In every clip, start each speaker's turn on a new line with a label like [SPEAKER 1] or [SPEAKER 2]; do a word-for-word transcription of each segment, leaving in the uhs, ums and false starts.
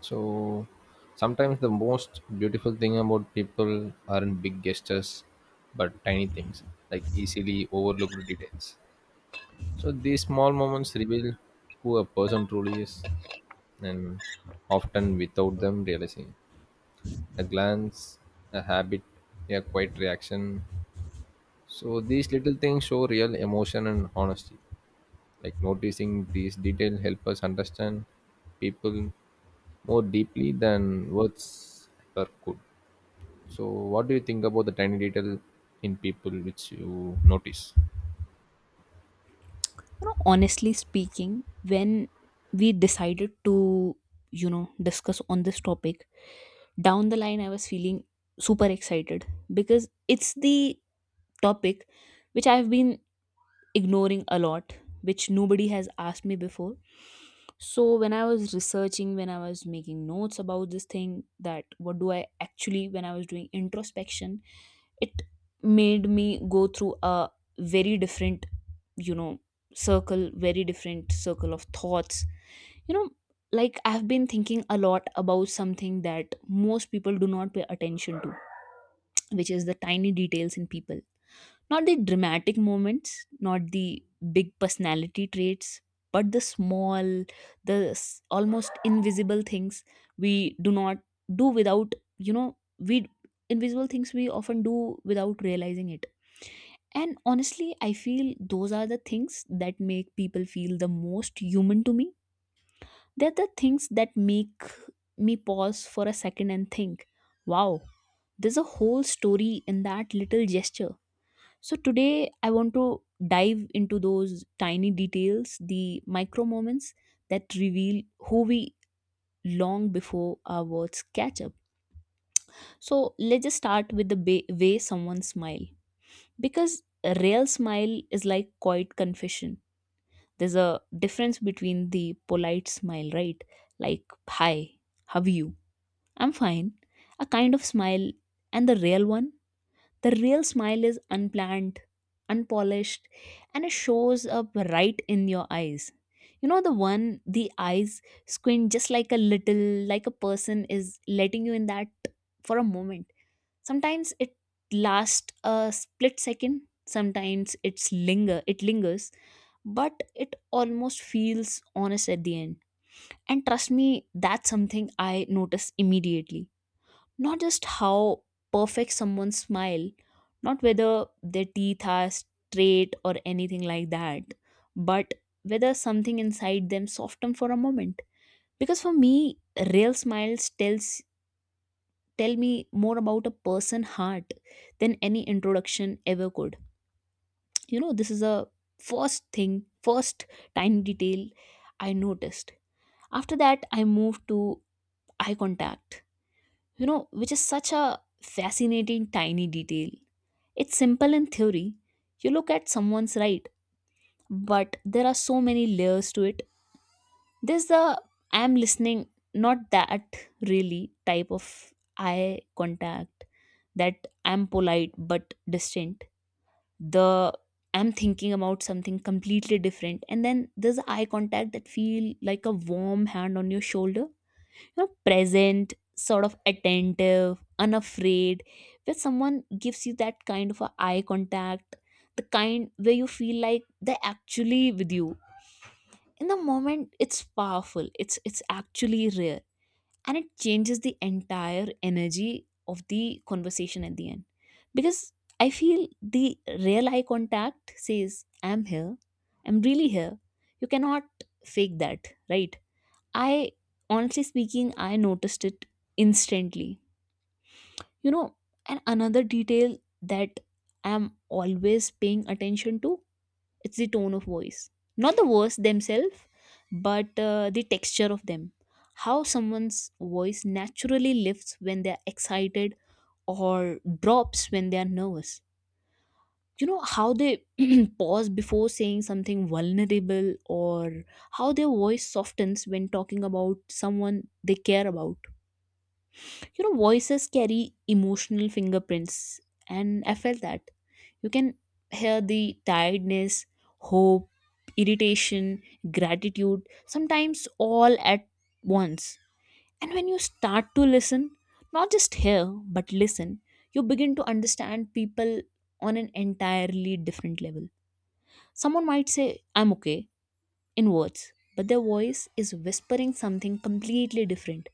[SPEAKER 1] So sometimes the most beautiful thing about people aren't big gestures, but tiny things like easily overlooked details. So these small moments reveal who a person truly is, and often without them realizing. A glance, a habit, a quiet reaction. So these little things show real emotion and honesty. Like noticing these details help us understand people more deeply than words ever could. So, what do you think about the tiny detail in people which you notice?
[SPEAKER 2] you know Honestly speaking, when we decided to you know discuss on this topic, down the line I was feeling super excited because it's the topic which I've been ignoring a lot, which nobody has asked me before. So when I was researching, when I was making notes about this thing, that what do I actually, when I was doing introspection, it made me go through a very different you know circle, very different circle of thoughts. you know like, I've been thinking a lot about something that most people do not pay attention to, which is the tiny details in people. Not the dramatic moments, not the big personality traits, but the small, the s- almost invisible things we do not do without you know we invisible things we often do without realizing it. And honestly, I feel those are the things that make people feel the most human to me. They're the things that make me pause for a second and think, wow, there's a whole story in that little gesture. So today I want to dive into those tiny details, the micro moments that reveal who we long before our words catch up. So let's just start with the ba- way someone smile, because a real smile is like quiet confession. There's a difference between the polite smile, right? Like, hi, how are you? I'm fine. A kind of smile, and the real one? The real smile is unplanned, unpolished, and it shows up right in your eyes. You know, the one, the eyes squint just like a little, like a person is letting you in that for a moment. Sometimes it lasts a split second, sometimes it's linger it lingers, but it almost feels honest at the end. And trust me, that's something I notice immediately. Not just how perfect someone's smile, not whether their teeth are straight or anything like that, but whether something inside them soften for a moment. Because for me, real smiles tells tell me more about a person heart than any introduction ever could. You know, this is a first thing, first tiny detail I noticed. After that, I moved to eye contact, you know, which is such a fascinating tiny detail. It's simple in theory, you look at someone's right, but there are so many layers to it. There's the I'm listening, not that really type of eye contact, that I'm polite but distant. The I'm thinking about something completely different. And then there's eye contact that feel like a warm hand on your shoulder. You know, present, sort of attentive, unafraid. Where someone gives you that kind of a eye contact, the kind where you feel like they're actually with you in the moment. It's powerful, it's it's actually rare, and it changes the entire energy of the conversation at the end. Because I feel the real eye contact says, I'm here, I'm really here. You cannot fake that, right? I Honestly speaking, I noticed it instantly. You know, and another detail that I'm always paying attention to, it's the tone of voice. Not the words themselves, but uh, the texture of them. How someone's voice naturally lifts when they're excited, or drops when they're nervous. You know how they pause before saying something vulnerable, or how their voice softens when talking about someone they care about. You know, voices carry emotional fingerprints, and I felt that you can hear the tiredness, hope, irritation, gratitude, sometimes all at once. And when you start to listen, not just hear, but listen, you begin to understand people on an entirely different level. Someone might say, I'm okay, in words, but their voice is whispering something completely different.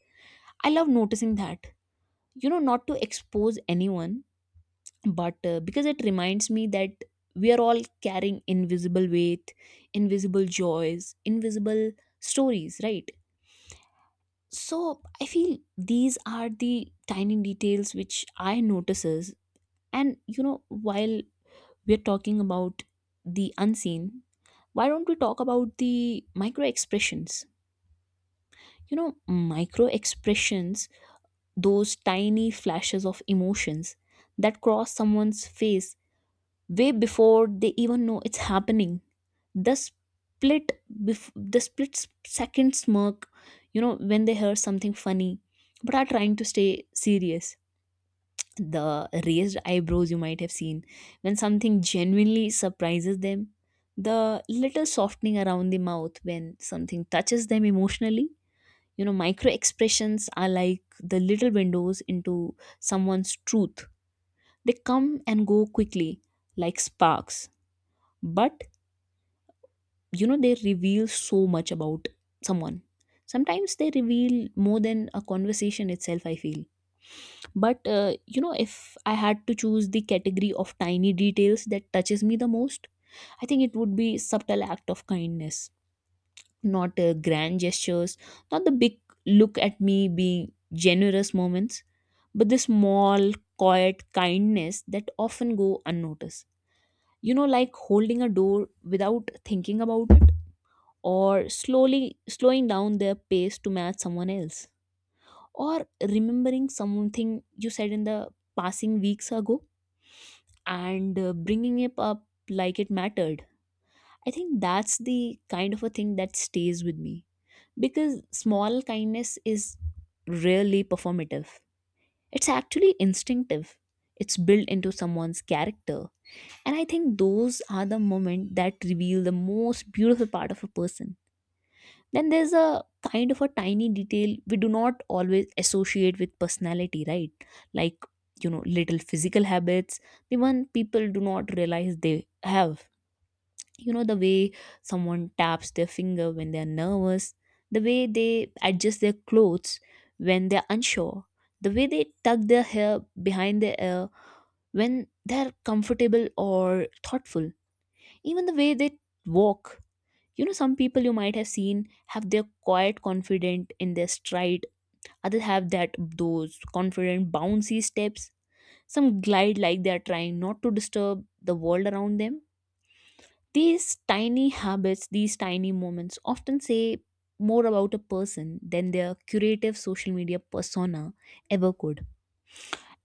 [SPEAKER 2] I love noticing that. You know, not to expose anyone, but uh, because it reminds me that we are all carrying invisible weight, invisible joys, invisible stories, right? So I feel these are the tiny details which I notices. And you know, while we're talking about the unseen, why don't we talk about the micro expressions? You know, micro expressions, those tiny flashes of emotions that cross someone's face way before they even know it's happening. the split bef- the split s- second smirk, you know, when they hear something funny but are trying to stay serious. The raised eyebrows you might have seen when something genuinely surprises them. The little softening around the mouth when something touches them emotionally. You know, micro expressions are like the little windows into someone's truth. They come and go quickly, like sparks, but you know, they reveal so much about someone. Sometimes they reveal more than a conversation itself, I feel. But uh, you know, if I had to choose the category of tiny details that touches me the most, I think it would be subtle act of kindness. Not uh, grand gestures, not the big look at me being generous moments, but the small, quiet kindness that often go unnoticed. You know, like holding a door without thinking about it, or slowly slowing down their pace to match someone else, or remembering something you said in the passing weeks ago, and uh, bringing it up like it mattered. I think that's the kind of a thing that stays with me, because small kindness is rarely performative. It's actually instinctive. It's built into someone's character, and I think those are the moments that reveal the most beautiful part of a person. Then there's a kind of a tiny detail we do not always associate with personality, right? Like, you know, little physical habits, the one people do not realize they have. You know, the way someone taps their finger when they're nervous, the way they adjust their clothes when they're unsure, the way they tuck their hair behind their ear when they're comfortable or thoughtful, even the way they walk. You know, some people you might have seen have their quiet confident in their stride, others have that those confident bouncy steps. Some glide like they are trying not to disturb the world around them. These tiny habits, these tiny moments often say more about a person than their curative social media persona ever could.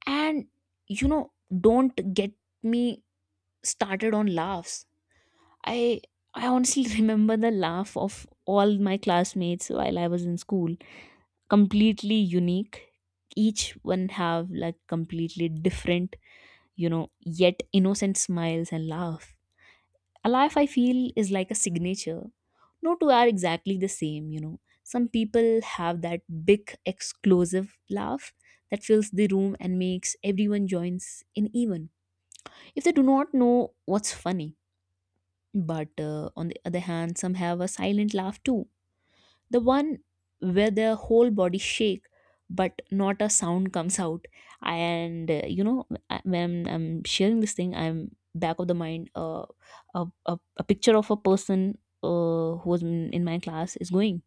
[SPEAKER 2] And you know, don't get me started on laughs. I I honestly remember the laugh of all my classmates while I was in school. Completely unique. Each one have like completely different, you know, yet innocent smiles and laugh. A laugh I feel is like a signature. No two are exactly the same, you know. Some people have that big exclusive laugh that fills the room and makes everyone joins in even if they do not know what's funny. But uh, on the other hand, some have a silent laugh too. The one where their whole body shake, but not a sound comes out. And uh, you know, I- when I'm sharing this thing, I'm back of the mind uh, a, a, a picture of a person uh, who was in in my class is going.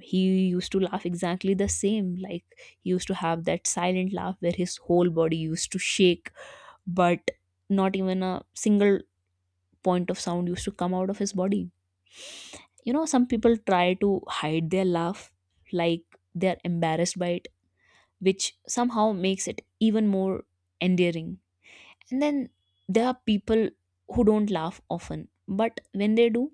[SPEAKER 2] He used to laugh exactly the same. Like, he used to have that silent laugh where his whole body used to shake, but not even a single point of sound used to come out of his body. You know, some people try to hide their laugh, like they're embarrassed by it, which somehow makes it even more endearing. And then there are people who don't laugh often, but when they do,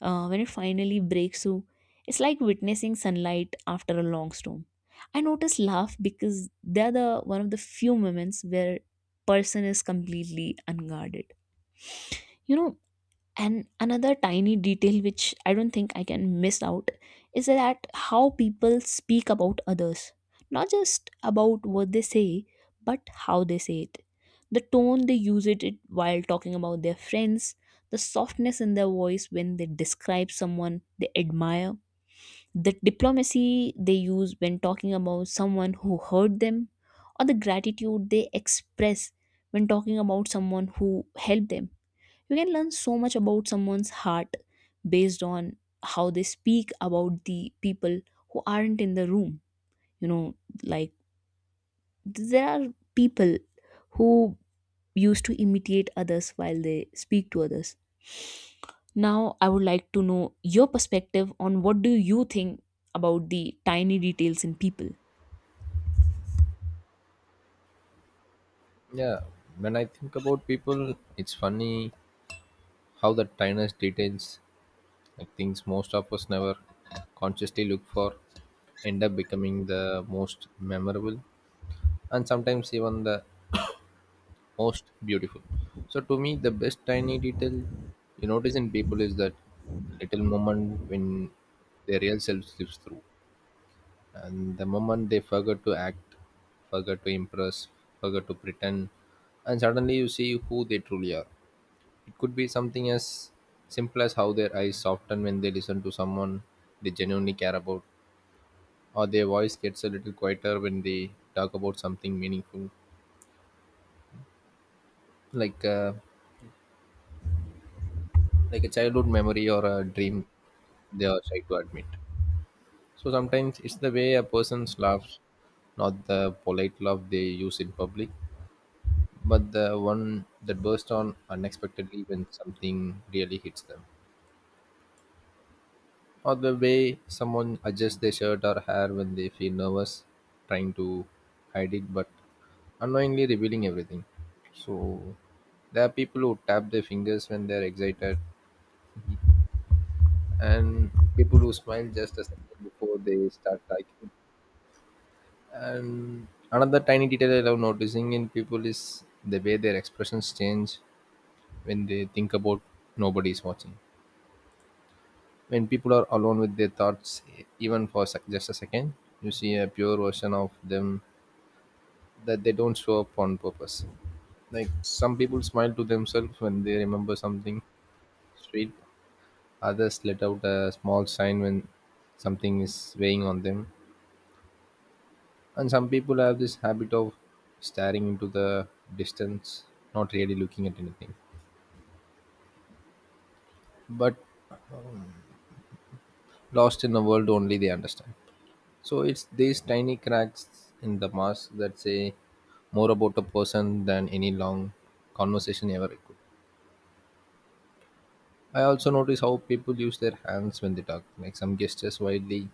[SPEAKER 2] uh, when it finally breaks through, it's like witnessing sunlight after a long storm. I notice laugh because they're the one of the few moments where person is completely unguarded, you know. And another tiny detail which I don't think I can miss out is that how people speak about others. Not just about what they say, but how they say it. The tone they use it it while talking about their friends, the softness in their voice when they describe someone they admire, the diplomacy they use when talking about someone who hurt them, or the gratitude they express when talking about someone who helped them. You can learn so much about someone's heart based on how they speak about the people who aren't in the room. You know, like, there are people who used to imitate others while they speak to others. Now, I would like to know your perspective on what do you think about the tiny details in people.
[SPEAKER 1] Yeah, when I think about people, it's funny how the tiniest details, like things most of us never consciously look for, end up becoming the most memorable and sometimes even the most beautiful. So, to me, the best tiny detail you notice in people is that little moment when their real self slips through. And the moment they forget to act, forget to impress, forget to pretend, and suddenly you see who they truly are. It could be something as simple as how their eyes soften when they listen to someone they genuinely care about, or their voice gets a little quieter when they talk about something meaningful, like uh, like a childhood memory or a dream they are shy to admit. So sometimes it's the way a person's laughs, not the polite laugh they use in public, but the one that burst on unexpectedly when something really hits them. Or the way someone adjusts their shirt or hair when they feel nervous, trying to hide it but unknowingly revealing everything. So there are people who tap their fingers when they're excited, and people who smile just a second before they start talking. And another tiny detail I love noticing in people is the way their expressions change when they think about nobody's watching. When people are alone with their thoughts, e- even for sec- just a second, you see a pure version of them that they don't show up on purpose. Like some people smile to themselves when they remember something sweet, others let out a small sign when something is weighing on them, and some people have this habit of staring into the distance, not really looking at anything, but lost in a world only they understand. So it's these tiny cracks in the mask that say more about a person than any long conversation ever could. I also notice how people use their hands when they talk, like some gestures widely,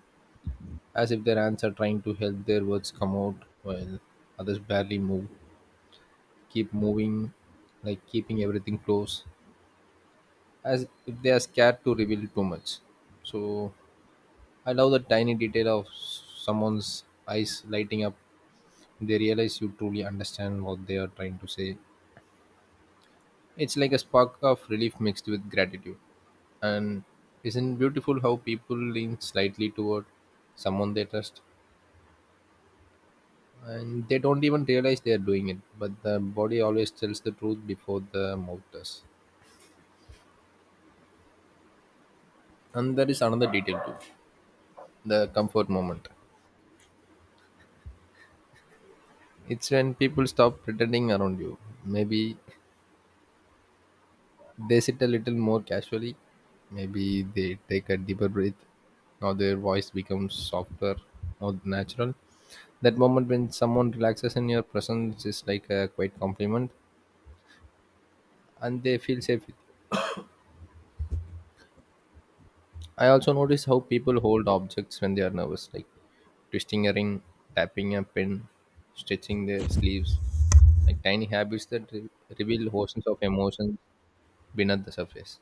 [SPEAKER 1] as if their hands are trying to help their words come out, while others barely move, keep moving, like keeping everything close, as if they are scared to reveal too much. So I love the tiny detail of someone's eyes lighting up. They realize you truly understand what they are trying to say. It's like a spark of relief mixed with gratitude. And isn't beautiful how people lean slightly toward someone they trust and they don't even realize they are doing it, but the body always tells the truth before the mouth does. And there is another detail too, the comfort moment. It's when people stop pretending around you. Maybe they sit a little more casually, maybe they take a deeper breath, or their voice becomes softer or natural. That moment when someone relaxes in your presence is like a quiet compliment and they feel safe with you. I also notice how people hold objects when they are nervous, like twisting a ring, tapping a pen, stretching their sleeves, like tiny habits that re- reveal oceans of emotions beneath the surface.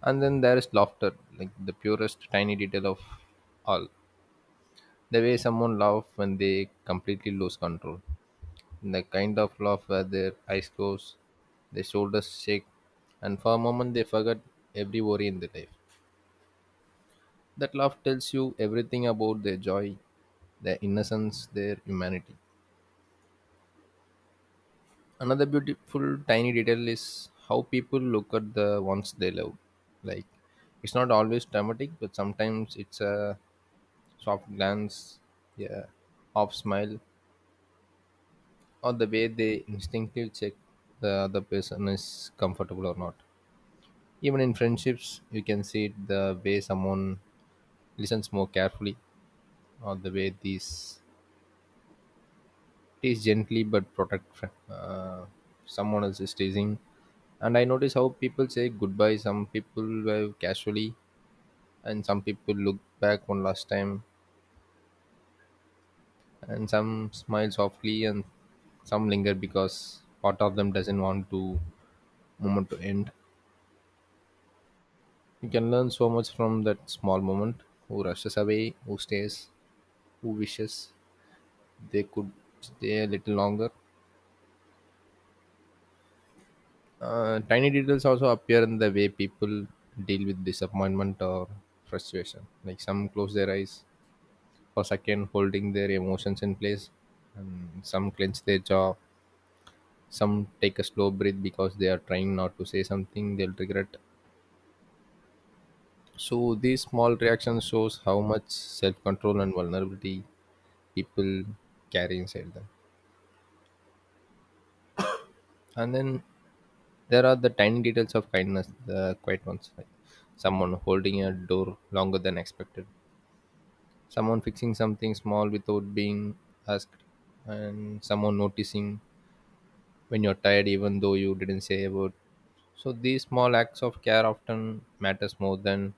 [SPEAKER 1] And then there is laughter, like the purest tiny detail of all. The way someone laughs when they completely lose control. And the kind of laugh where their eyes close, their shoulders shake, and for a moment they forget every worry in their life. That laugh tells you everything about their joy, their innocence, their humanity. Another beautiful tiny detail is how people look at the ones they love. Like it's not always dramatic, but sometimes it's a soft glance, yeah, half smile, or the way they instinctively check the other person is comfortable or not. Even in friendships, you can see it the way someone listens more carefully, or the way these tease gently but protect uh, someone else is teasing. And I notice how people say goodbye. Some people wave casually, and some people look back one last time, and some smile softly, and some linger because part of them doesn't want to moment to end. You can learn so much from that small moment. Who rushes away, who stays, who wishes, they could stay a little longer. Uh, tiny details also appear in the way people deal with disappointment or frustration. Like some close their eyes for a second, holding their emotions in place, and some clench their jaw, some take a slow breath because they are trying not to say something they'll regret. So these small reactions shows how much self-control and vulnerability people carry inside them. And then there are the tiny details of kindness, the quiet ones, like someone holding a door longer than expected, someone fixing something small without being asked, and someone noticing when you're tired even though you didn't say a word. So these small acts of care often matters more than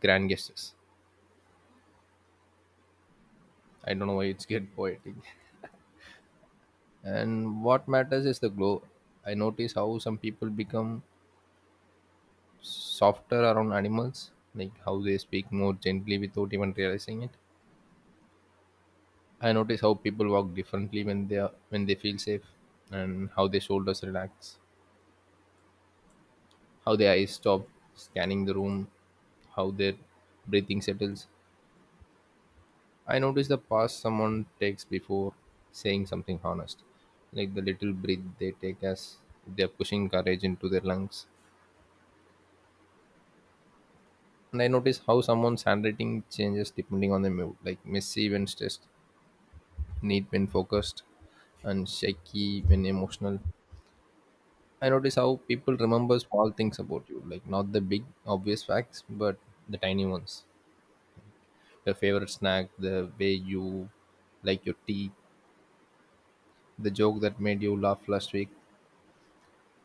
[SPEAKER 1] grand gestures. I don't know why it's get poetic. And what matters is the glow. I notice how some people become softer around animals, like how they speak more gently without even realizing it. I notice how people walk differently when they are when they feel safe, and how their shoulders relax, how their eyes stop scanning the room, how their breathing settles. I notice the pause someone takes before saying something honest, like the little breath they take as if they are pushing courage into their lungs. And I notice how someone's handwriting changes depending on the mood, like messy when stressed, neat when focused, and shaky when emotional. I notice how people remember small things about you, like not the big obvious facts, but the tiny ones. Your favorite snack, the way you like your tea, the joke that made you laugh last week,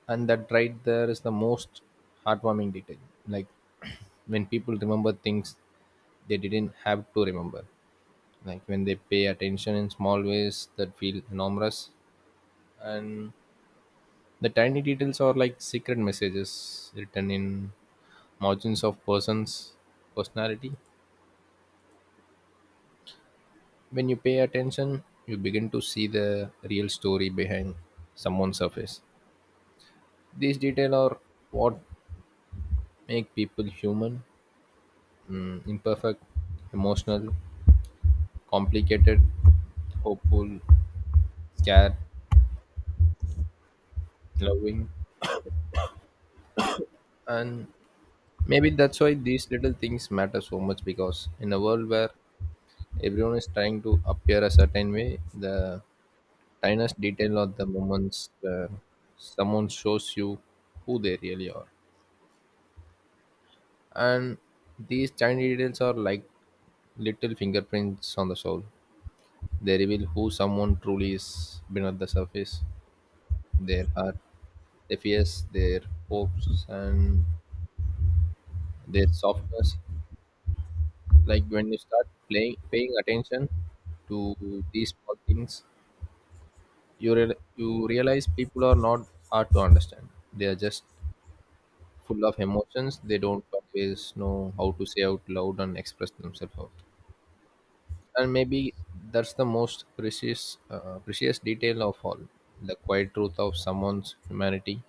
[SPEAKER 1] and that right there is the most heartwarming detail. Like when people remember things they didn't have to remember, like when they pay attention in small ways that feel enormous, and the tiny details are like secret messages written in margins of person's personality. When you pay attention you begin to see the real story behind someone's surface. These details are what make people human, mm, imperfect, emotional, complicated, hopeful, scared, loving, and maybe that's why these little things matter so much, because in a world where everyone is trying to appear a certain way, the tiniest detail of the moments where someone shows you who they really are. And these tiny details are like little fingerprints on the soul. They reveal who someone truly is beneath the surface. Their heart, their fears, their hopes, and their softness. Like when you start playing, paying attention to these small things, you real, you realize people are not hard to understand. They are just full of emotions they don't always know how to say out loud and express themselves out, and maybe that's the most precious uh, precious detail of all, the quiet truth of someone's humanity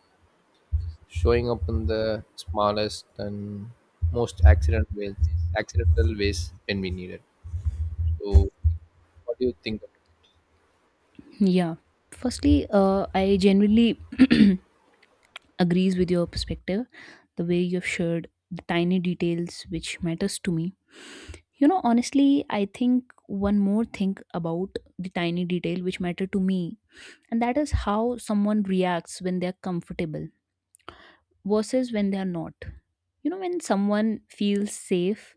[SPEAKER 1] showing up in the smallest and most accident ways accidental ways when we need it. So what do you think?
[SPEAKER 2] Yeah. Firstly, uh, I genuinely agrees with your perspective, the way you've shared the tiny details which matters to me. You know, honestly, I think one more thing about the tiny detail which matter to me, and that is how someone reacts when they're comfortable versus when they're not. You know, when someone feels safe,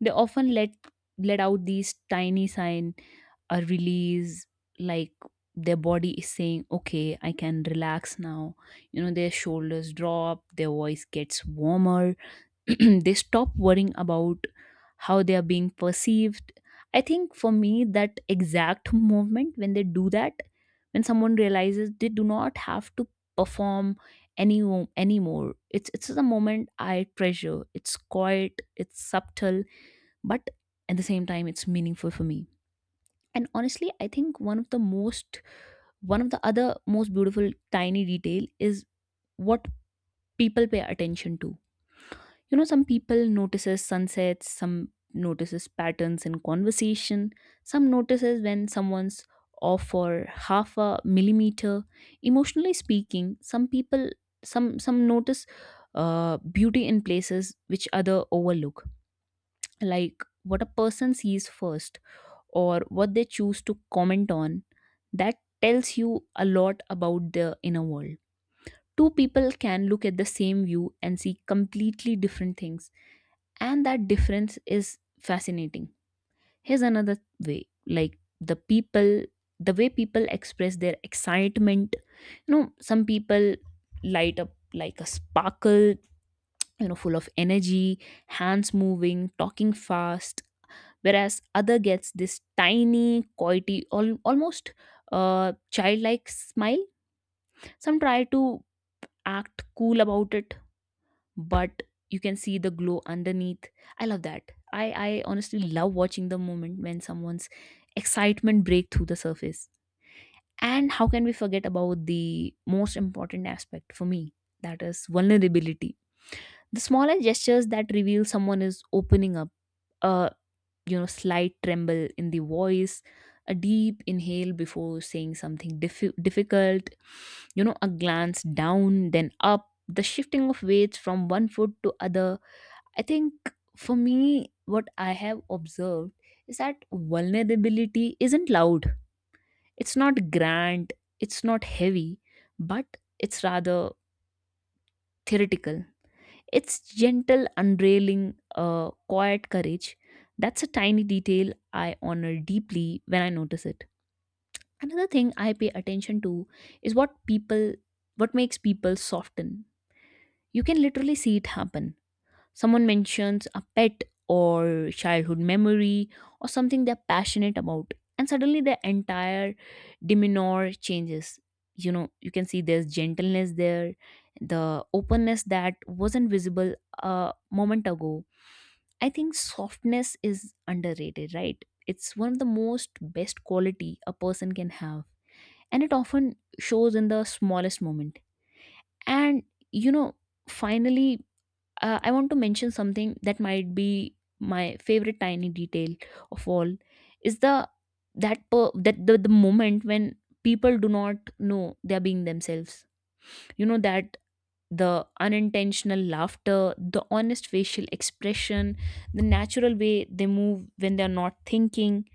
[SPEAKER 2] they often let let out these tiny sign or release, like their body is saying, "Okay, I can relax now." you know their shoulders drop, their voice gets warmer. They stop worrying about how they are being perceived. I think for me that exact moment when they do that, when someone realizes they do not have to perform any anymore, it's it's the moment I treasure. It's quiet, it's subtle, but at the same time it's meaningful for me. And honestly, I think one of the most one of the other most beautiful tiny detail is what people pay attention to. You know, some people notices sunsets, some notices patterns in conversation, some notices when someone's off for half a millimeter, emotionally speaking. Some people some some notice uh, beauty in places which other overlook. Like, what a person sees first or what they choose to comment on, that tells you a lot about their inner world. Two people can look at the same view and see completely different things, and that difference is fascinating. Here's another way, like the people the way people express their excitement. You know, some people light up like a sparkle, you know full of energy, hands moving, talking fast, whereas other gets this tiny coity al- almost uh, childlike smile. Some try to act cool about it, but you can see the glow underneath. I love that. I i honestly love watching the moment when someone's excitement break through the surface. And how can we forget about the most important aspect for me? That is vulnerability, the smallest gestures that reveal someone is opening up. A you know slight tremble in the voice, a deep inhale before saying something diffi- difficult, you know a glance down then up, the shifting of weights from one foot to other. I think for me, what I have observed is that vulnerability isn't loud, it's not grand, it's not heavy, but it's rather theoretical. It's gentle, unrailing, uh, quiet courage. That's a tiny detail I honor deeply when I notice it. Another thing I pay attention to is what people, what makes people soften. You can literally see it happen. Someone mentions a pet or childhood memory or something they're passionate about, and suddenly their entire demeanor changes. You know, you can see there's gentleness there, the openness that wasn't visible a moment ago. I think softness is underrated, right? It's one of the most best quality a person can have, and it often shows in the smallest moment. And you know, finally, uh, I want to mention something that might be my favorite tiny detail of all. Is the that per, that the, the moment when people do not know they are being themselves. You know, that the unintentional laughter, the honest facial expression, the natural way they move when they are not thinking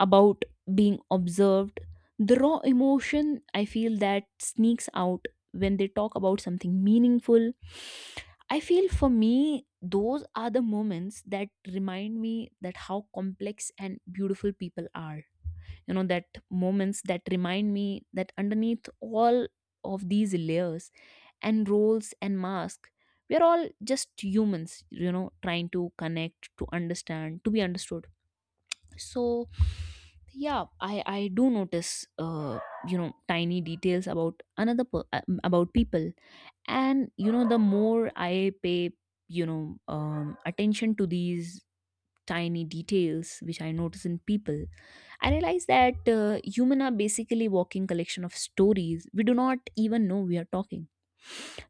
[SPEAKER 2] about being observed, the raw emotion I feel that sneaks out when they talk about something meaningful. I feel, for me, those are the moments that remind me that how complex and beautiful people are. You know, that moments that remind me that underneath all of these layers and roles and masks, we're all just humans, you know trying to connect, to understand, to be understood. So yeah, i i do notice, uh you know tiny details about another per- uh, about people. And you know the more I pay you know um attention to these tiny details which I notice in people, I realize that, uh, human are basically walking collection of stories we do not even know we are talking.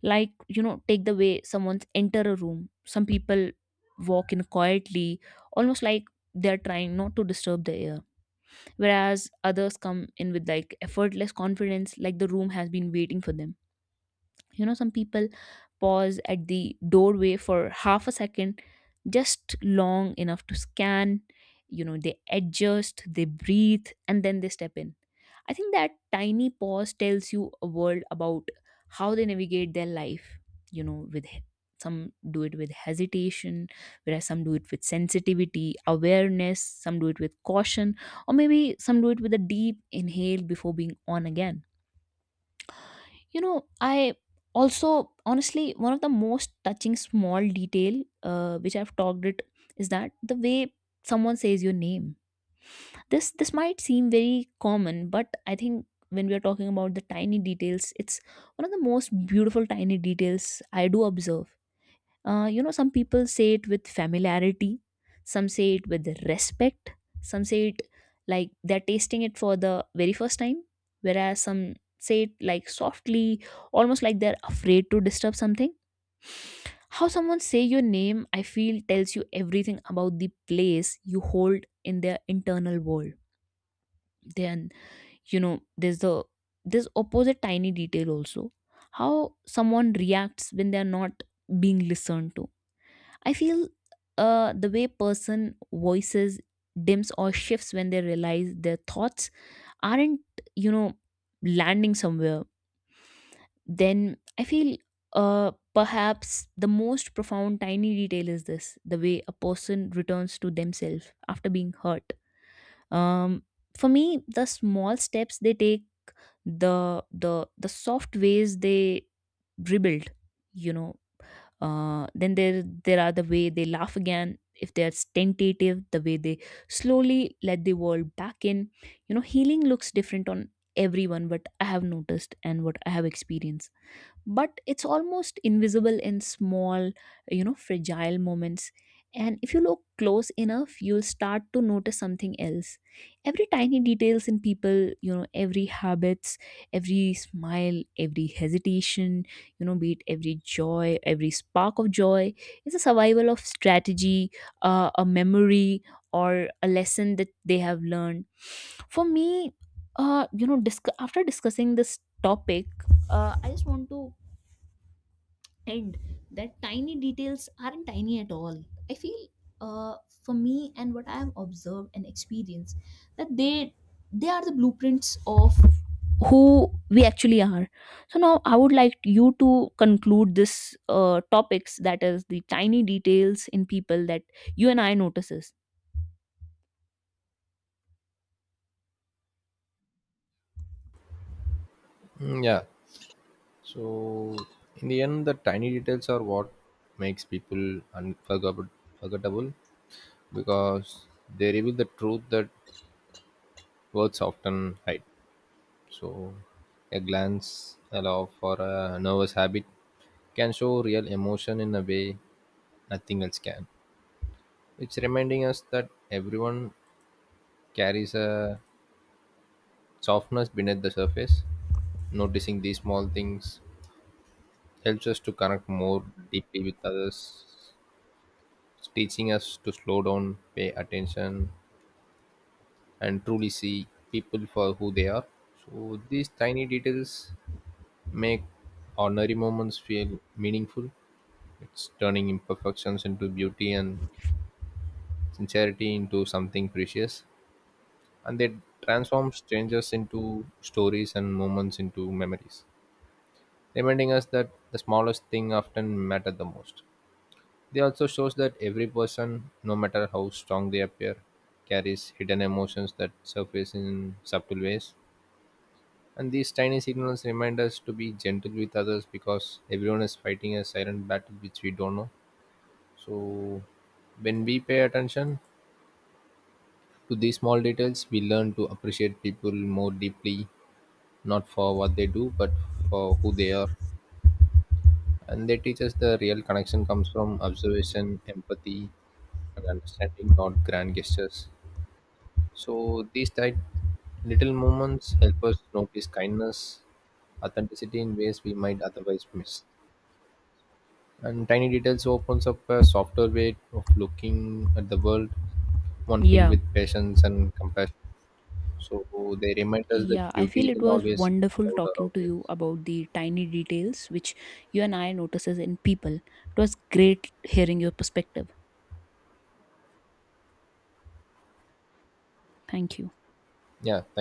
[SPEAKER 2] Like, you know, take the way someone's enter a room. Some people walk in quietly, almost like they're trying not to disturb the air, whereas others come in with like effortless confidence, like the room has been waiting for them. You know, some people pause at the doorway for half a second, just long enough to scan. You know they adjust, they breathe, and then they step in. I think that tiny pause tells you a world about how they navigate their life. You know, with he- some do it with hesitation, whereas some do it with sensitivity, awareness, some do it with caution, or maybe some do it with a deep inhale before being on again. You know, I also, honestly, one of the most touching small detail, uh, which I've talked it, is that the way someone says your name. This this might seem very common, but I think when we are talking about the tiny details, it's one of the most beautiful tiny details I do observe. Uh, you know, some people say it with familiarity, some say it with respect, some say it like they're tasting it for the very first time, whereas some say it like softly, almost like they're afraid to disturb something. How someone say your name, I feel, tells you everything about the place you hold in their internal world. Then, you know, there's the this opposite tiny detail also, how someone reacts when they're not being listened to. I feel, uh, the way person voices dims or shifts when they realize their thoughts aren't, you know, landing somewhere. Then I feel, uh, perhaps the most profound tiny detail is this, the way a person returns to themselves after being hurt. um, for me, the small steps they take, the the the soft ways they dribbled, you know, uh, then there there are the way they laugh again, if they're tentative, the way they slowly let the world back in. You know, healing looks different on everyone, what I have noticed and what I have experienced, but it's almost invisible in small, you know fragile moments. And if you look close enough, you'll start to notice something else. Every tiny details in people, you know, every habits, every smile, every hesitation, you know be it every joy, every spark of joy, is a survival of strategy, uh, a memory or a lesson that they have learned. For me, uh you know disc- after discussing this topic, uh I just want to, and that tiny details aren't tiny at all. I feel, uh, for me and what I have observed and experienced, that they they are the blueprints of who we actually are. So now I would like you to conclude this, uh, topics, that is the tiny details in people that you and I notices.
[SPEAKER 1] Mm, yeah. So in the end the tiny details are what makes people unforgettable forgettable, because they reveal the truth that words often hide. So a glance, a laugh, or a nervous habit can show real emotion in a way nothing else can. It's reminding us that everyone carries a softness beneath the surface. Noticing these small things helps us to connect more deeply with others, teaching us to slow down, pay attention, and truly see people for who they are. So these tiny details make ordinary moments feel meaningful. It's turning imperfections into beauty and sincerity into something precious. And they transform strangers into stories and moments into memories, reminding us that the smallest thing often matter the most. They also shows that every person, no matter how strong they appear, carries hidden emotions that surface in subtle ways. And these tiny signals remind us to be gentle with others because everyone is fighting a silent battle which we don't know. So when we pay attention to these small details, we learn to appreciate people more deeply, not for what they do, but for who they are. And they teach us the real connection comes from observation, empathy, and understanding, not grand gestures. So these tight little moments help us notice kindness, authenticity in ways we might otherwise miss. And tiny details opens up a softer way of looking at the world, one filled
[SPEAKER 2] Yeah,
[SPEAKER 1] with patience and compassion. So they remind us that
[SPEAKER 2] yeah, I feel
[SPEAKER 1] beauty
[SPEAKER 2] it
[SPEAKER 1] isn't
[SPEAKER 2] was
[SPEAKER 1] always
[SPEAKER 2] wonderful
[SPEAKER 1] loud or
[SPEAKER 2] talking to
[SPEAKER 1] obvious.
[SPEAKER 2] you about the tiny details which you and I notices in people. It was great hearing your perspective. Thank you.
[SPEAKER 1] Yeah,